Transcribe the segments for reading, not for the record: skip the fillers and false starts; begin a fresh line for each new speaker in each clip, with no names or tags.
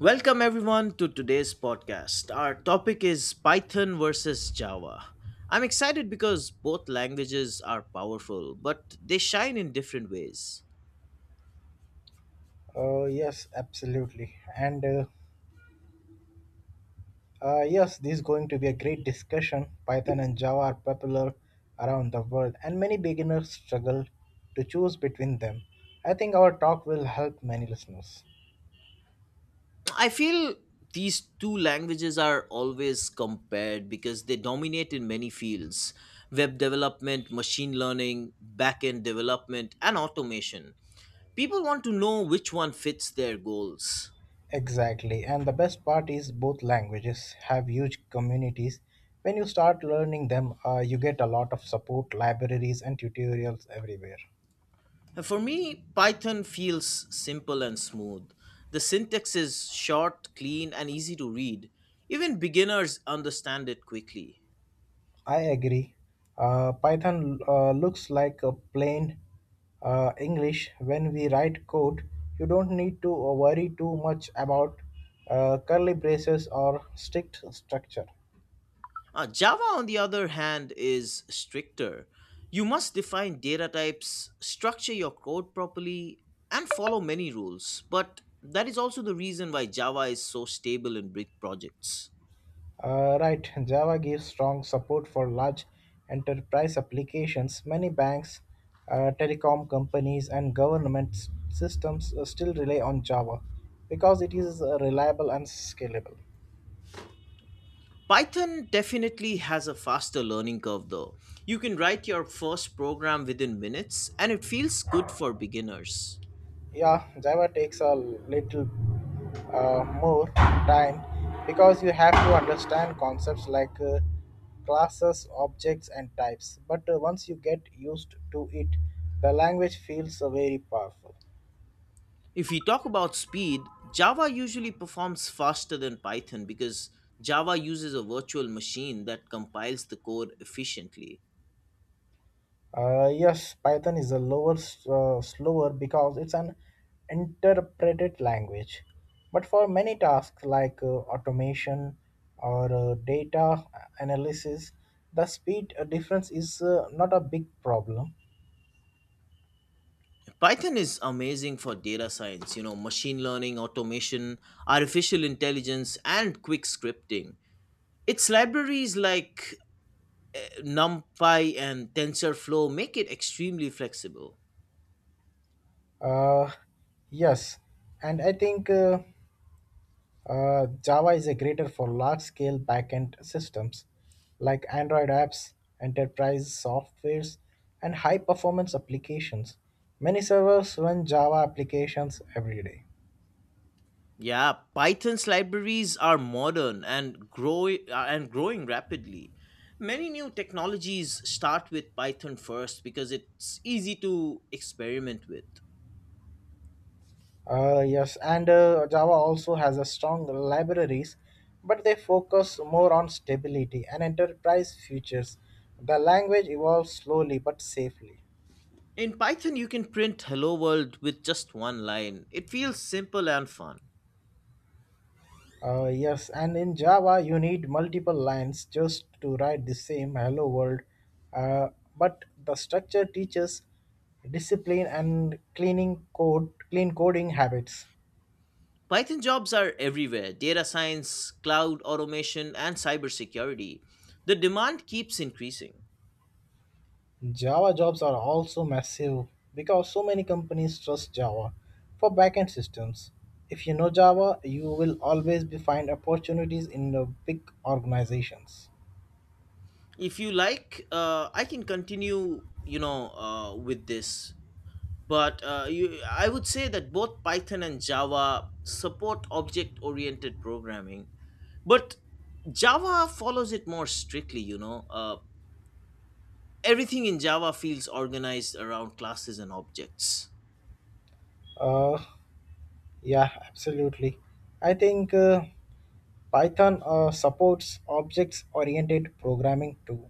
Welcome everyone to today's podcast. Our topic is Python versus Java. I'm excited because both languages are powerful, but they shine in different ways.
Yes, absolutely. This is going to be a great discussion. Python and Java are popular around the world, and many beginners struggle to choose between them. I think our talk will help many listeners.
I feel these two languages are always compared because they dominate in many fields: web development, machine learning, backend development, and automation. People want to know which one fits their goals.
Exactly. And the best part is both languages have huge communities. When you start learning them, you get a lot of support, libraries, and tutorials everywhere.
For me, Python feels simple and smooth. The syntax is short, clean, and easy to read. Even beginners understand it quickly.
I agree. Python looks like a plain English when we write code. You don't need to worry too much about curly braces or strict structure.
Java, on the other hand, is stricter. You must define data types, structure your code properly, and follow many rules. But that is also the reason why Java is so stable in big projects.
Right, Java gives strong support for large enterprise applications. Many banks, telecom companies, and government systems still rely on Java because it is reliable and scalable.
Python definitely has a faster learning curve though. You can write your first program within minutes and it feels good for beginners.
Yeah, Java takes a little more time because you have to understand concepts like classes, objects, and types, but once you get used to it, the language feels very powerful.
If we talk about speed, Java usually performs faster than Python because Java uses a virtual machine that compiles the code efficiently.
Yes, Python is a lower, slower, because it's an interpreted language. But for many tasks like automation or data analysis, the speed difference is not a big problem.
Python is amazing for data science, you know, machine learning, automation, artificial intelligence, and quick scripting. Its libraries like NumPy and TensorFlow make it extremely flexible.
Uh, yes, and I think. Java is a greater for large scale backend systems like Android apps, enterprise softwares, and high performance applications. Many servers run Java applications every day.
Yeah, Python's libraries are modern and growing rapidly. Many new technologies start with Python first because it's easy to experiment with.
Yes, and Java also has a strong libraries, but they focus more on stability and enterprise features. The language evolves slowly but safely.
In Python, you can print hello world with just one line. It feels simple and fun.
Yes, and in Java, you need multiple lines just to write the same hello world. Uh, but the structure teaches discipline and cleaning code, clean coding habits.
Python jobs are everywhere: data science, cloud automation, and cybersecurity. The demand keeps increasing.
Java jobs are also massive because so many companies trust Java for backend systems. If you know Java, you will always be find opportunities in the big organizations.
If you like, I can continue, with this, but I would say that both Python and Java support object oriented programming, but Java follows it more strictly, everything in Java feels organized around classes and objects.
Uh, Yeah, absolutely. I think Python supports objects oriented programming too,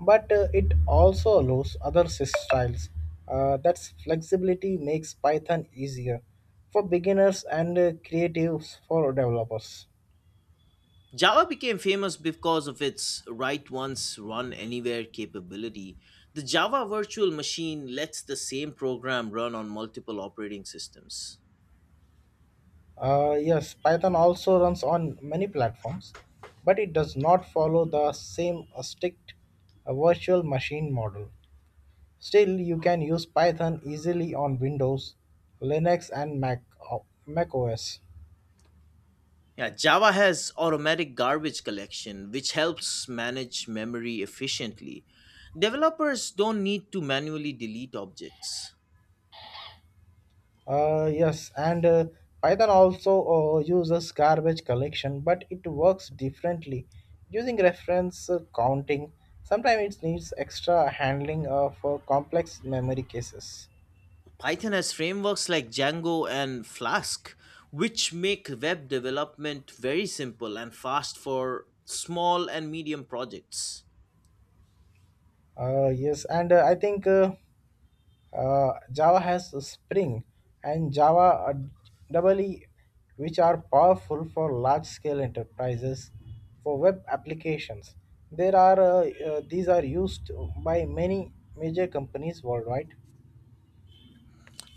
but it also allows other sys styles. That's flexibility makes Python easier for beginners and creatives for developers.
Java became famous because of its write once run anywhere capability. The Java virtual machine lets the same program run on multiple operating systems.
Yes, Python also runs on many platforms, but it does not follow the same strict virtual machine model. Still, you can use Python easily on Windows, Linux, and Mac, Mac OS.
Yeah, Java has automatic garbage collection, which helps manage memory efficiently. Developers don't need to manually delete objects.
Yes, and Python also uses garbage collection, but it works differently using reference counting. Sometimes it needs extra handling for complex memory cases.
Python has frameworks like Django and Flask, which make web development very simple and fast for small and medium projects.
Yes, and I think Java has a Spring and Java double E, which are powerful for large scale enterprises for web applications. There are These are used by many major companies worldwide.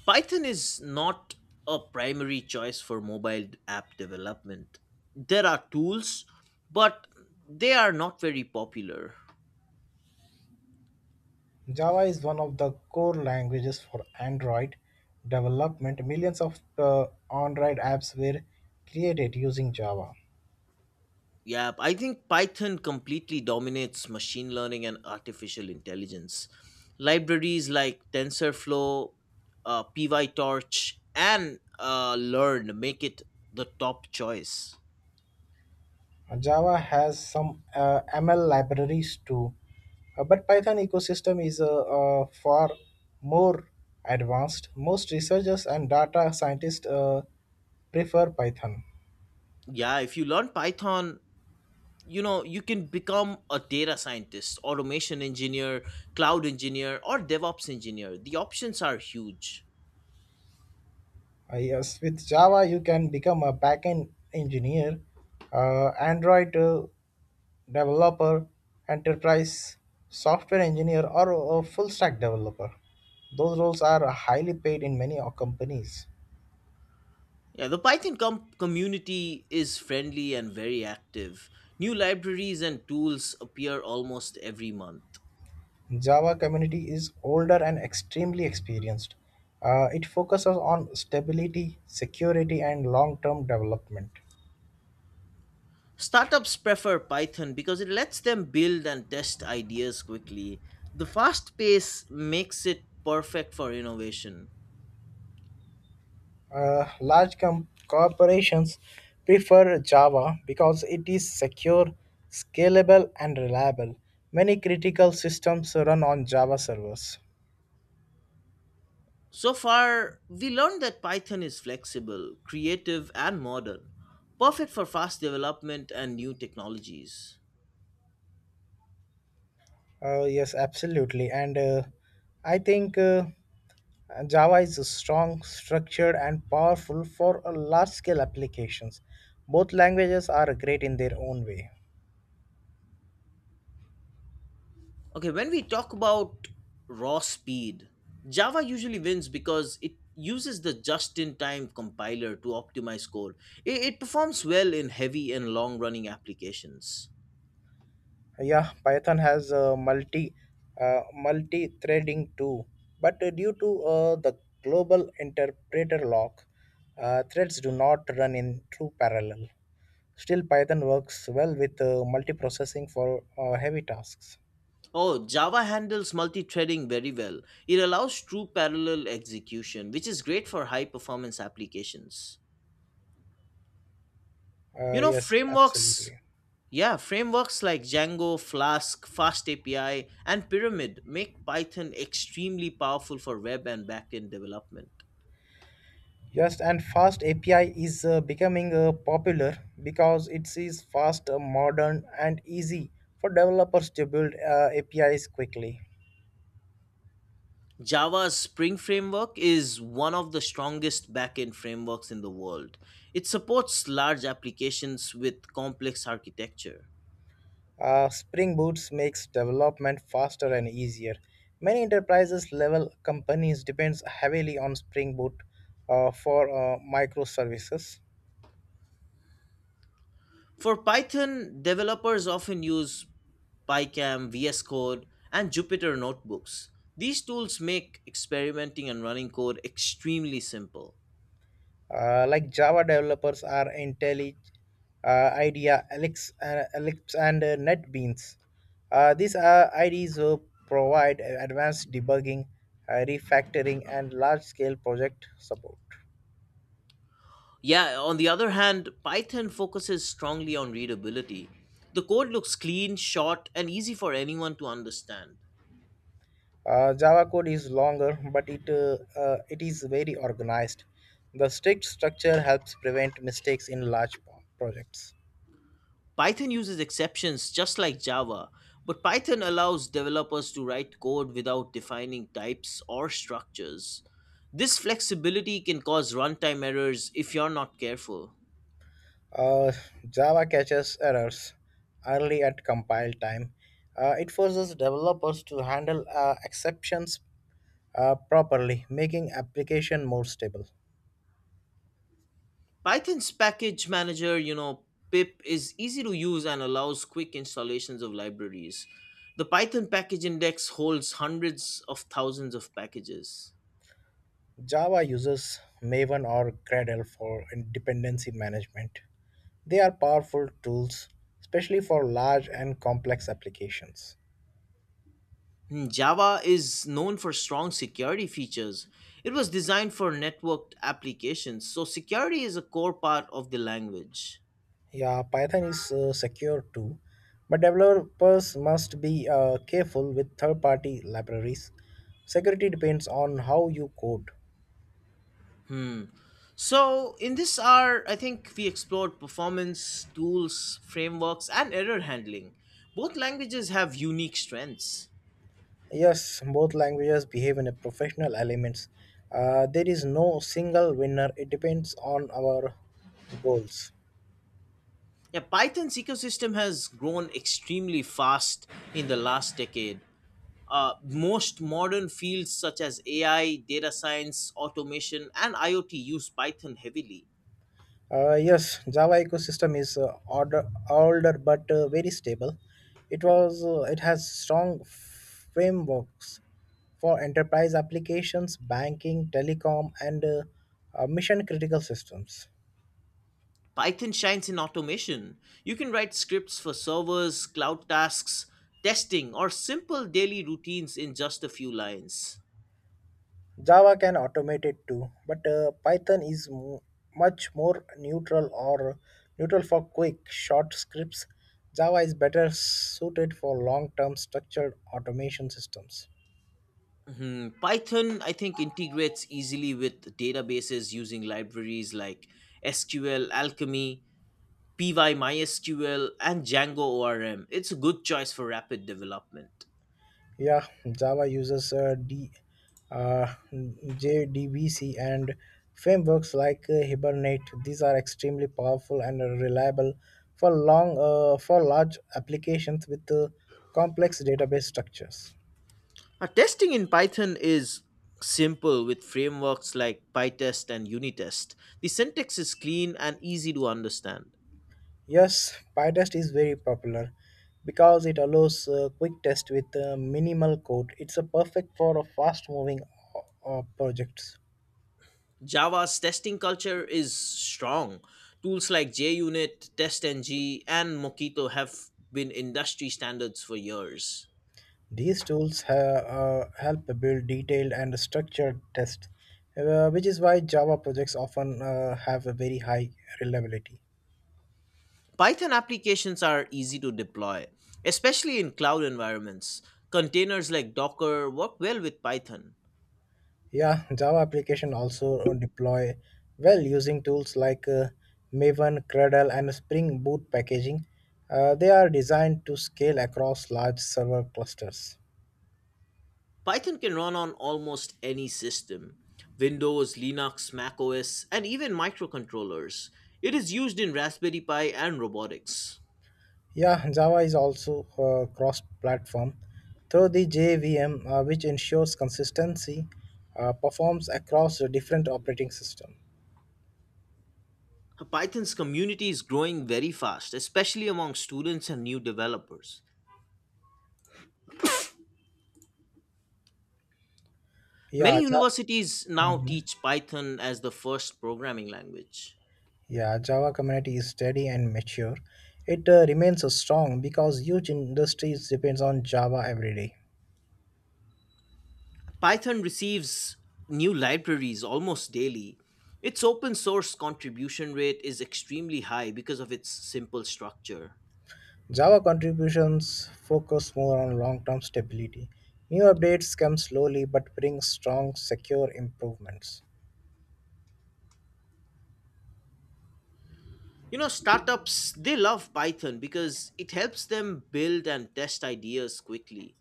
Python is not a primary choice for mobile app development. There are tools, but they are not very popular.
Java is one of the core languages for Android development. Millions of Android apps were created using Java.
Yeah, I think Python completely dominates machine learning and artificial intelligence. Libraries like TensorFlow, PyTorch, and Learn make it the top choice.
Java has some ML libraries too, but Python ecosystem is far more advanced. Most researchers and data scientists prefer Python.
Yeah, if you learn Python, you know, you can become a data scientist, automation engineer, cloud engineer, or DevOps engineer. The options are huge.
Yes, with Java you can become a backend engineer, Android developer, enterprise software engineer, or a full stack developer. Those roles are highly paid in many companies.
Yeah, the community is friendly and very active. New libraries and tools appear almost every month.
Java community is older and extremely experienced. It focuses on stability, security, and long-term development.
Startups prefer Python because it lets them build and test ideas quickly. The fast pace makes it perfect for innovation.
Large corporations prefer Java because it is secure, scalable, and reliable. Many critical systems run on Java servers.
So far, we learned that Python is flexible, creative, and modern, perfect for fast development and new technologies.
Yes, absolutely, and I think. Java is strong, structured, and powerful for large scale applications. Both languages are great in their own way.
Okay, when we talk about raw speed, Java usually wins because it uses the just in time compiler to optimize code. It performs well in heavy and long running applications.
Yeah, Python has multi threading too, but due to the global interpreter lock, threads do not run in true parallel. Still, Python works well with multiprocessing for heavy tasks.
Oh, Java handles multi threading very well. It allows true parallel execution, which is great for high performance applications. You know,
Yes, absolutely.
frameworks like Django, Flask, FastAPI, and Pyramid make Python extremely powerful for web and backend development.
Yes, and fast API is becoming popular because it is fast, modern, and easy for developers to build APIs quickly.
Java's Spring framework is one of the strongest backend frameworks in the world. It supports large applications with complex architecture.
Spring Boot makes development faster and easier. Many enterprises level companies depends heavily on Spring Boot for microservices.
For Python, developers often use PyCam, VS Code, and Jupyter Notebooks. These tools make experimenting and running code extremely simple.
Like Java developers are IntelliJ, IDEA, Alex, and NetBeans. These IDEs provide advanced debugging, refactoring, and large-scale project support.
Yeah, on the other hand, Python focuses strongly on readability. The code looks clean, short, and easy for anyone to understand.
Java code is longer, but it is very organized. The strict structure helps prevent mistakes in large projects.
Python uses exceptions just like Java, but Python allows developers to write code without defining types or structures. This flexibility can cause runtime errors if you're not careful.
Uh, Java catches errors early at compile time. It forces developers to handle exceptions properly, making application more stable.
Python's package manager, you know, pip is easy to use and allows quick installations of libraries. The Python package index holds hundreds of thousands of packages.
Java uses Maven or Gradle for dependency management. They are powerful tools, especially for large and complex applications.
Hmm, Java is known for strong security features. It was designed for networked applications, so security is a core part of the language.
Yeah, Python is secure too, but developers must be careful with third party libraries. Security depends on how you code.
Hmm. So, in this hour, I think we explored performance, tools, frameworks, and error handling. Both languages have unique strengths.
Yes, both languages behave in a professional elements. There is no single winner, it depends on our goals.
Yeah, Python's ecosystem has grown extremely fast in the last decade. Most modern fields such as AI, data science, automation, and IoT use Python heavily.
Yes, Java ecosystem is older but very stable. It has strong frameworks for enterprise applications, banking, telecom, and mission critical systems.
Python shines in automation. You can write scripts for servers, cloud tasks, testing, or simple daily routines in just a few lines.
Java can automate it too, but much more neutral or neutral for quick, short scripts. Java is better suited for long term structured automation systems.
Mhm. Python, I think, integrates easily with databases using libraries like SQL, Alchemy, PY, MySQL, and Django ORM. It's a good choice for rapid development.
Yeah, Java uses uh, JDBC and frameworks like Hibernate. These are extremely powerful and reliable for long for large applications with complex database structures.
Now, testing in Python is simple with frameworks like PyTest and Unitest. The syntax is clean and easy to understand.
Yes, PyTest is very popular because it allows quick test with minimal code. It's a perfect for a fast moving projects.
Java's testing culture is strong. Tools like JUnit, TestNG, and Mockito have been industry standards for years.
These tools help build detailed and structured tests, which is why Java projects often have a very high reliability.
Python applications are easy to deploy, especially in cloud environments. Containers like Docker work well with Python.
Yeah, Java application also deploy well using tools like Maven, Cradle, and Spring Boot packaging. They are designed to scale across large server clusters.
Python can run on almost any system: Windows, Linux, Mac OS, and even microcontrollers. It is used in Raspberry Pi and robotics.
Yeah, Java is also cross platform through the JVM, which ensures consistency performs across the different operating system.
Python's community is growing very fast, especially among students and new developers.
Yeah,
Many
Ja-
universities now
Mhm.
teach Python as the first programming language.
Yeah, Java community is steady and mature. It remains strong because huge industries depends on Java every day.
Python receives new libraries almost daily. Its open source contribution rate is extremely high because of its simple structure.
Java contributions focus more on long-term stability. New updates come slowly but bring strong, secure improvements.
You know, startups, they love Python because it helps them build and test ideas quickly.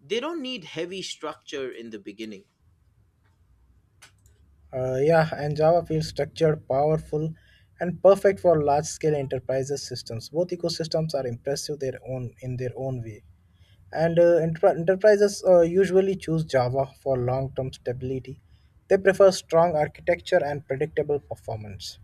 They don't need heavy structure in the beginning.
Yeah, and Java feels structured, powerful, and perfect for large-scale enterprises systems. Both ecosystems are impressive their own in their own way. And enterprises usually choose Java for long-term stability. They prefer strong architecture and predictable performance.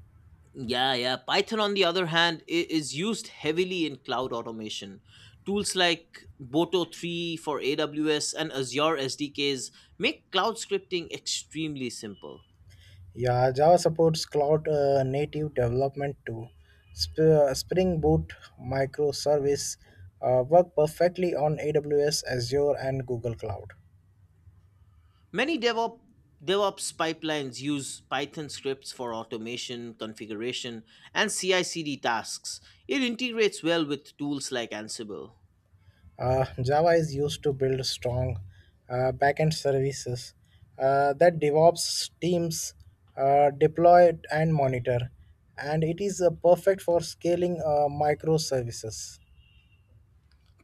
Yeah, yeah. Python, on the other hand, is used heavily in cloud automation. Tools like Boto 3 for AWS and Azure SDKs make cloud scripting extremely simple.
Yeah, Java supports cloud-native development too. Spring Boot microservice work perfectly on AWS, Azure, and Google Cloud.
Many DevOps, DevOps pipelines use Python scripts for automation, configuration, and CI CD tasks. It integrates well with tools like Ansible.
Java is used to build strong backend services that DevOps teams deploy and monitor, and it is perfect for scaling microservices.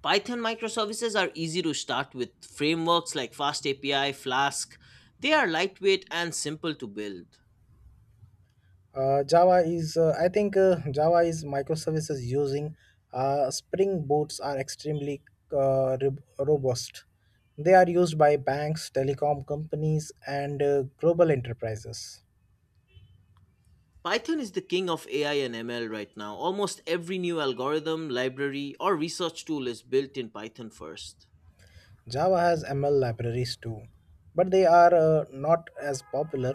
Python microservices are easy to start with frameworks like FastAPI, Flask. They are lightweight and simple to build.
Java is microservices using Spring Boots are extremely uh, re- robust. They are used by banks, telecom companies, and global enterprises.
Python is the king of AI and ML right now. Almost every new algorithm, library, or research tool is built in Python first.
Java has ML libraries too, but they are not as popular.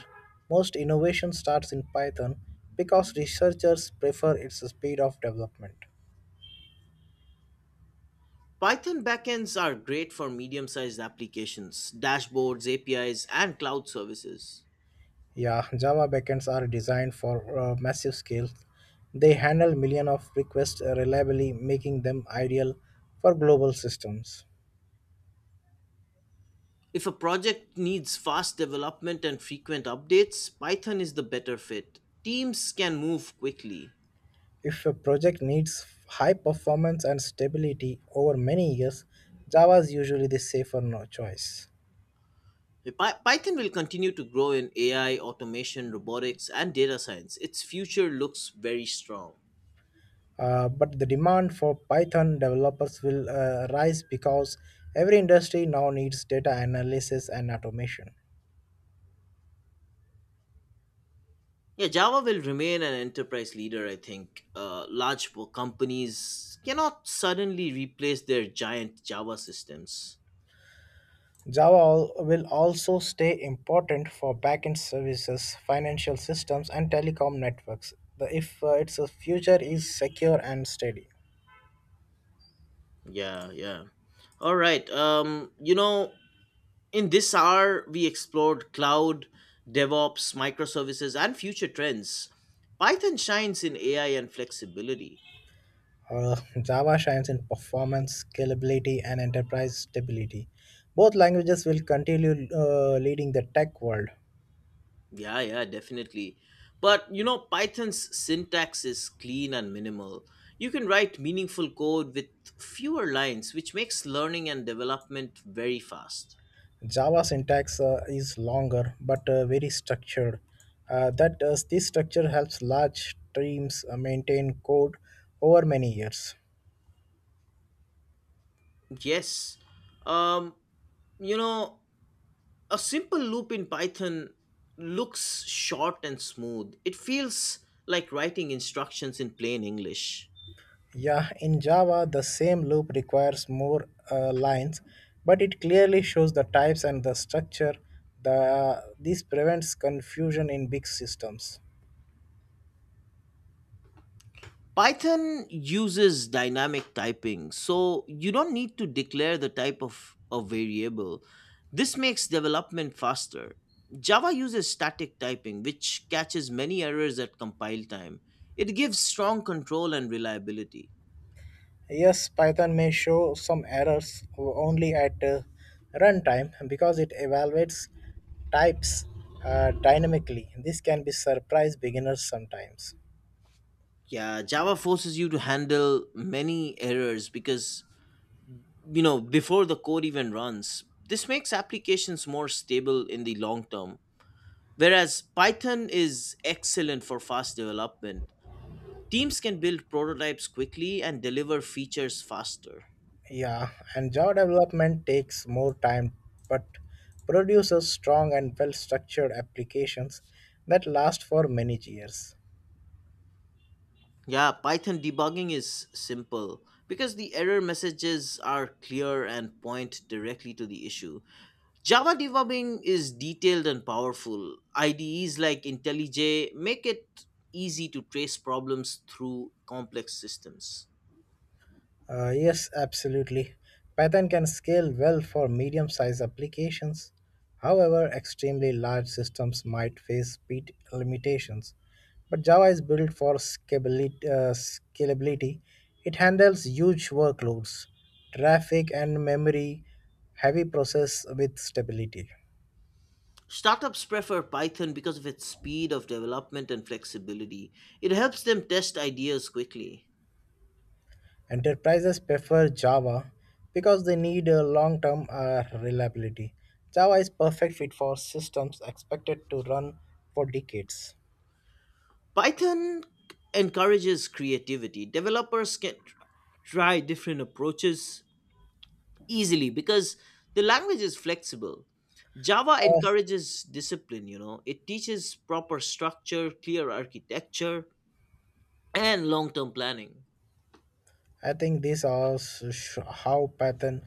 Most innovation starts in Python because researchers prefer its speed of development.
Python backends are great for medium sized applications, dashboards, APIs, and cloud services.
Yeah, Java backends are designed for massive scale. They handle millions of requests reliably, making them ideal for global systems.
If a project needs fast development and frequent updates, Python is the better fit. Teams can move quickly.
If a project needs high performance and stability over many years, Java is usually the safer choice.
Py- Python will continue to grow in AI, automation, robotics, and data science. Its future looks very strong.
But the demand for Python developers will rise because every industry now needs data analysis and automation.
Yeah, Java will remain an enterprise leader, I think. Large companies cannot suddenly replace their giant Java systems.
Java will also stay important for backend services, financial systems, and telecom networks. The, if Its future is secure and steady.
Yeah, yeah. All right. You know, in this hour, we explored cloud, DevOps, microservices, and future trends. Python shines in AI and flexibility.
Java shines in performance, scalability, and enterprise stability. Both languages will continue leading the tech world.
Yeah, yeah, definitely. But, you know, Python's syntax is clean and minimal. You can write meaningful code with fewer lines, which makes learning and development very fast.
Java syntax is longer but very structured. This structure helps large teams maintain code over many years.
Yes. Um, you know, a simple loop in Python looks short and smooth. It feels like writing instructions in plain English.
Yeah, in Java, the same loop requires more lines, but it clearly shows the types and the structure. This prevents confusion in big systems.
Python uses dynamic typing, so you don't need to declare the type of a variable. This makes development faster. Java uses static typing, which catches many errors at compile time. It gives strong control and reliability.
Yes, Python may show some errors only at runtime because it evaluates types dynamically. This can be surprise beginners sometimes.
Yeah, Java forces you to handle many errors because, you know, before the code even runs, this makes applications more stable in the long term. Whereas Python is excellent for fast development, teams can build prototypes quickly and deliver features faster.
Yeah, and Java development takes more time but produces strong and well structured applications that last for many years.
Yeah, Python debugging is simple because the error messages are clear and point directly to the issue. Java debugging is detailed and powerful. IDEs like IntelliJ make it easy to trace problems through complex systems.
Yes, absolutely. Python can scale well for medium sized applications. However, extremely large systems might face speed limitations. But Java is built for scalability. It handles huge workloads, traffic, and memory heavy process with stability.
Startups prefer Python because of its speed of development and flexibility. It helps them test ideas quickly.
Enterprises prefer Java because they need a long-term reliability. Java is perfect fit for systems expected to run for decades.
Python encourages creativity. Developers can try different approaches easily because the language is flexible. Java
Oh,
encourages discipline. You know, it teaches proper structure, clear architecture, and long term planning.
I think how Python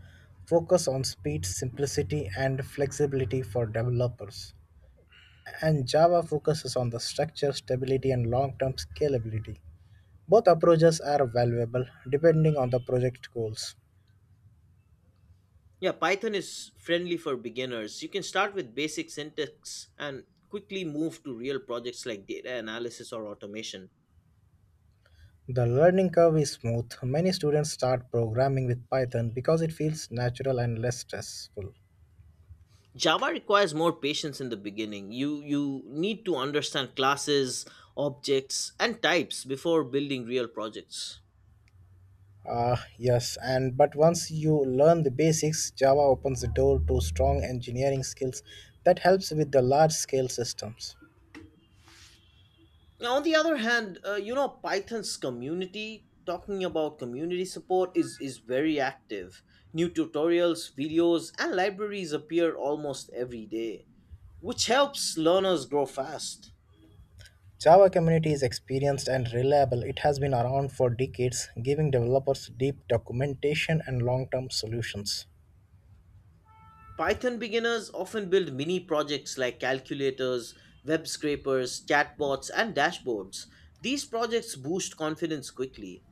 focus on speed, simplicity, and flexibility for developers. And Java focuses on the structure, stability, and long-term scalability. Both approaches are valuable depending on the project goals.
Yeah, Python is friendly for beginners. You can start with basic syntax and quickly move to real projects like data analysis or automation.
The learning curve is smooth. Many students start programming with Python because it feels natural and less stressful.
Java requires more patience in the beginning. You need to understand classes, objects, and types before building real projects.
Ah, yes, and but once you learn the basics, Java opens the door to strong engineering skills that helps with the large scale systems.
Now, on the other hand, you know, Python's community, talking about community support, is very active. New tutorials, videos, and libraries appear almost every day, which helps learners grow fast.
Java community is experienced and reliable. It has been around for decades, giving developers deep documentation and long-term solutions.
Python beginners often build mini projects like calculators, web scrapers, chatbots, and dashboards. These projects boost confidence quickly.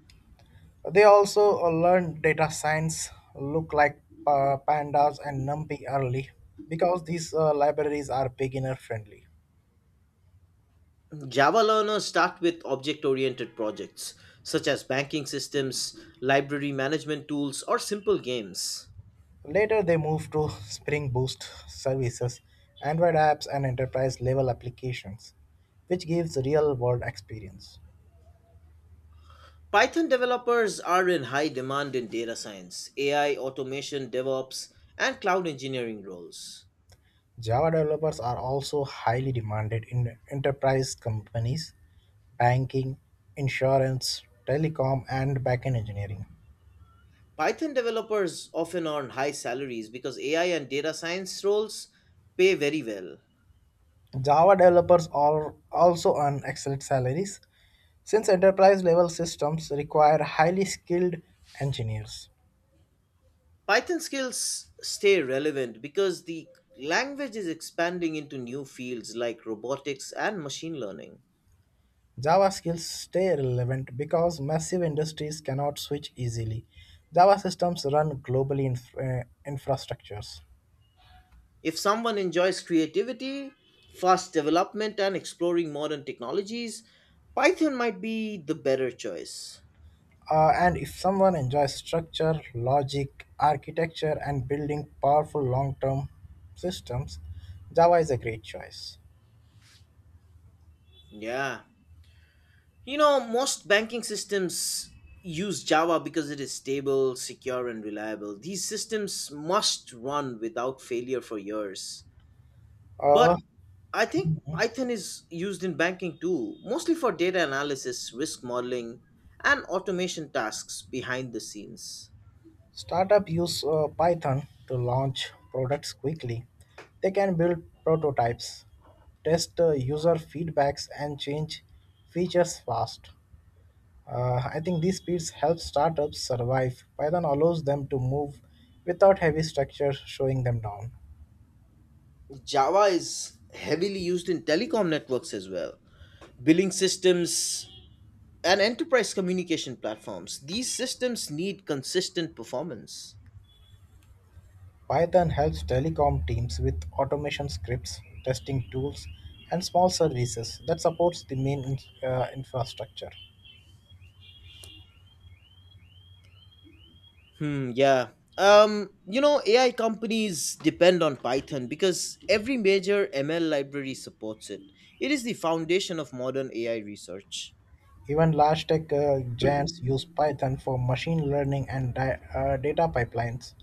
They also learn data science, look like pandas and NumPy early because these libraries are beginner friendly.
Java learners start with object oriented projects, such as banking systems, library management tools, or simple games.
Later, they move to Spring Boost services, Android apps, and enterprise level applications, which gives real world experience.
Python developers are in high demand in data science, AI, automation, DevOps, and cloud engineering roles.
Java developers are also highly demanded in enterprise companies, banking, insurance, telecom, and backend engineering.
Python developers often earn high salaries because AI and data science roles pay very well.
Java developers are also earn excellent salaries since enterprise level systems require highly skilled engineers.
Python skills stay relevant because the language is expanding into new fields like robotics and machine learning.
Java skills stay relevant because massive industries cannot switch easily. Java systems run globally in infrastructures.
If someone enjoys creativity, fast development, and exploring modern technologies, Python might be the better choice.
And if someone enjoys structure, logic, architecture, and building powerful long term systems, Java is a great choice.
Yeah. You know, most banking systems use Java because it is stable, secure, and reliable. These systems must run without failure for years.
Uh,
But I think Python is used in banking too, mostly for data analysis, risk modeling, and automation tasks behind the scenes.
Startups use Python to launch products quickly. They can build prototypes, test user feedbacks, and change features fast. I think these speeds help startups survive. Python allows them to move without heavy structure showing them down.
Java is heavily used in telecom networks as well, billing systems, and enterprise communication platforms. These systems need consistent performance.
Python helps telecom teams with automation scripts, testing tools, and small services that supports the main infrastructure.
Hmm, yeah. You know, AI companies depend on Python because every major ML library supports it. It is the foundation of modern AI research.
Even large tech giants use Python for machine learning and data pipelines.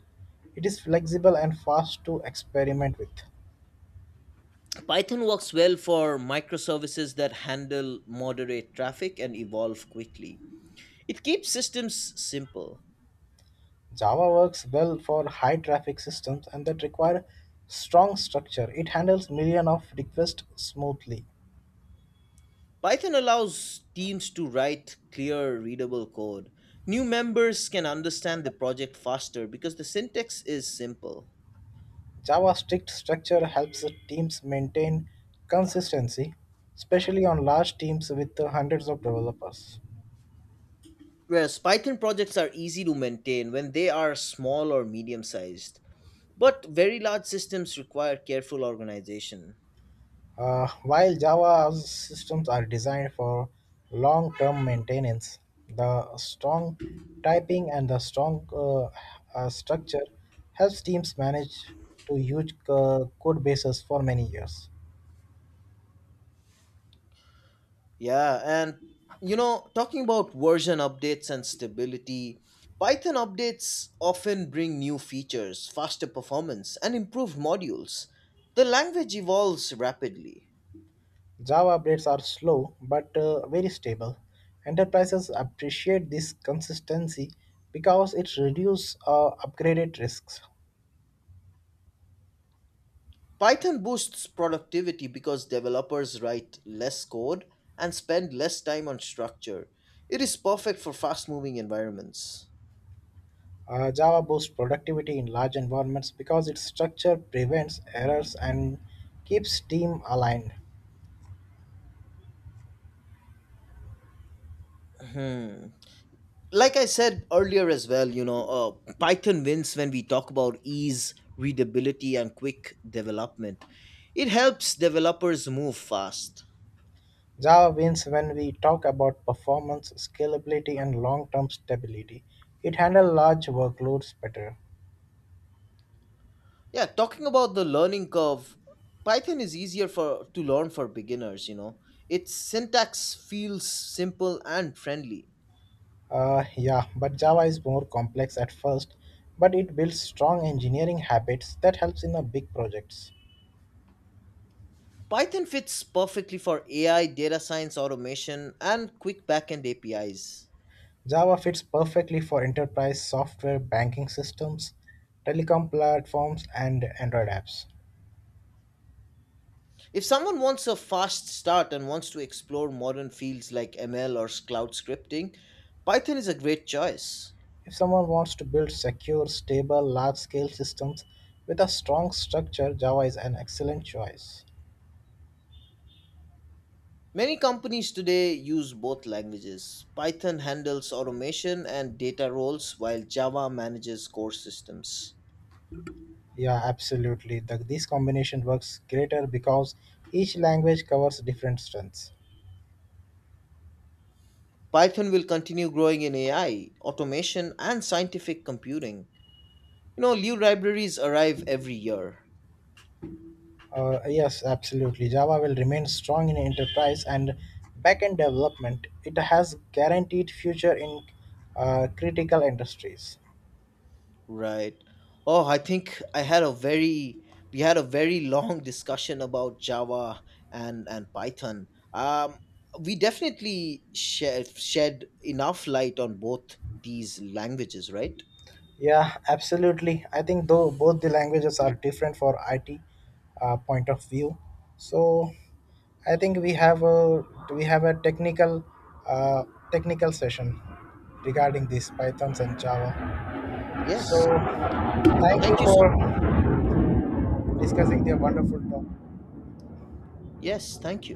It is flexible and fast to experiment with.
Python works well for microservices that handle moderate traffic and evolve quickly. It keeps systems simple.
Java works well for high traffic systems and that require strong structure. It handles millions of requests smoothly.
Python allows teams to write clear, readable code. New members can understand the project faster because the syntax is simple.
Java's strict structure helps teams maintain consistency, especially on large teams with hundreds of developers.
Whereas Python projects are easy to maintain when they are small or medium sized, but very large systems require careful organization.
While Java systems are designed for long term maintenance, the strong typing and the strong structure helps teams manage to huge code bases for many years.
Yeah, and, you know, talking about version updates and stability, Python updates often bring new features, faster performance, and improved modules. The language evolves rapidly.
Java updates are slow but very stable. Enterprises appreciate this consistency because it reduces upgraded risks.
Python boosts productivity because developers write less code and spend less time on structure. It is perfect for fast moving environments.
Java boosts productivity in large environments because its structure prevents errors and keeps team aligned.
Like I said earlier as well, you know, Python wins when we talk about ease, readability, and quick development. It helps developers move fast.
Java wins when we talk about performance, scalability, and long term stability. It handles large workloads better.
Yeah, talking about the learning curve, Python is easier for to learn for beginners, you know. Its syntax feels simple and friendly.
Yeah, but Java is more complex at first, but it builds strong engineering habits that helps in the big projects.
Python fits perfectly for AI, data science, automation, and quick backend APIs.
Java fits perfectly for enterprise software, banking systems, telecom platforms, and Android apps.
If someone wants a fast start and wants to explore modern fields like ML or cloud scripting, Python is a great choice.
If someone wants to build secure, stable, large scale systems with a strong structure, Java is an excellent choice.
Many companies today use both languages. Python handles automation and data roles, while Java manages core systems.
Yeah, absolutely. This combination works greater because each language covers different strengths.
Python will continue growing in AI, automation, and scientific computing. You know, new libraries arrive every year.
Yes, absolutely. Java will remain strong in enterprise and backend development. It has guaranteed future in critical industries.
Right. Oh, I think I had a very we had a very long discussion about Java and Python. We definitely shed enough light on both these languages, right?
Yeah, absolutely. I think though both the languages are different for IT point of view. So I think we have a technical uh, technical session regarding these Pythons and Java. So
Yes.
thank you
Thank you so much.
for discussing the wonderful topic.
Yes, thank you.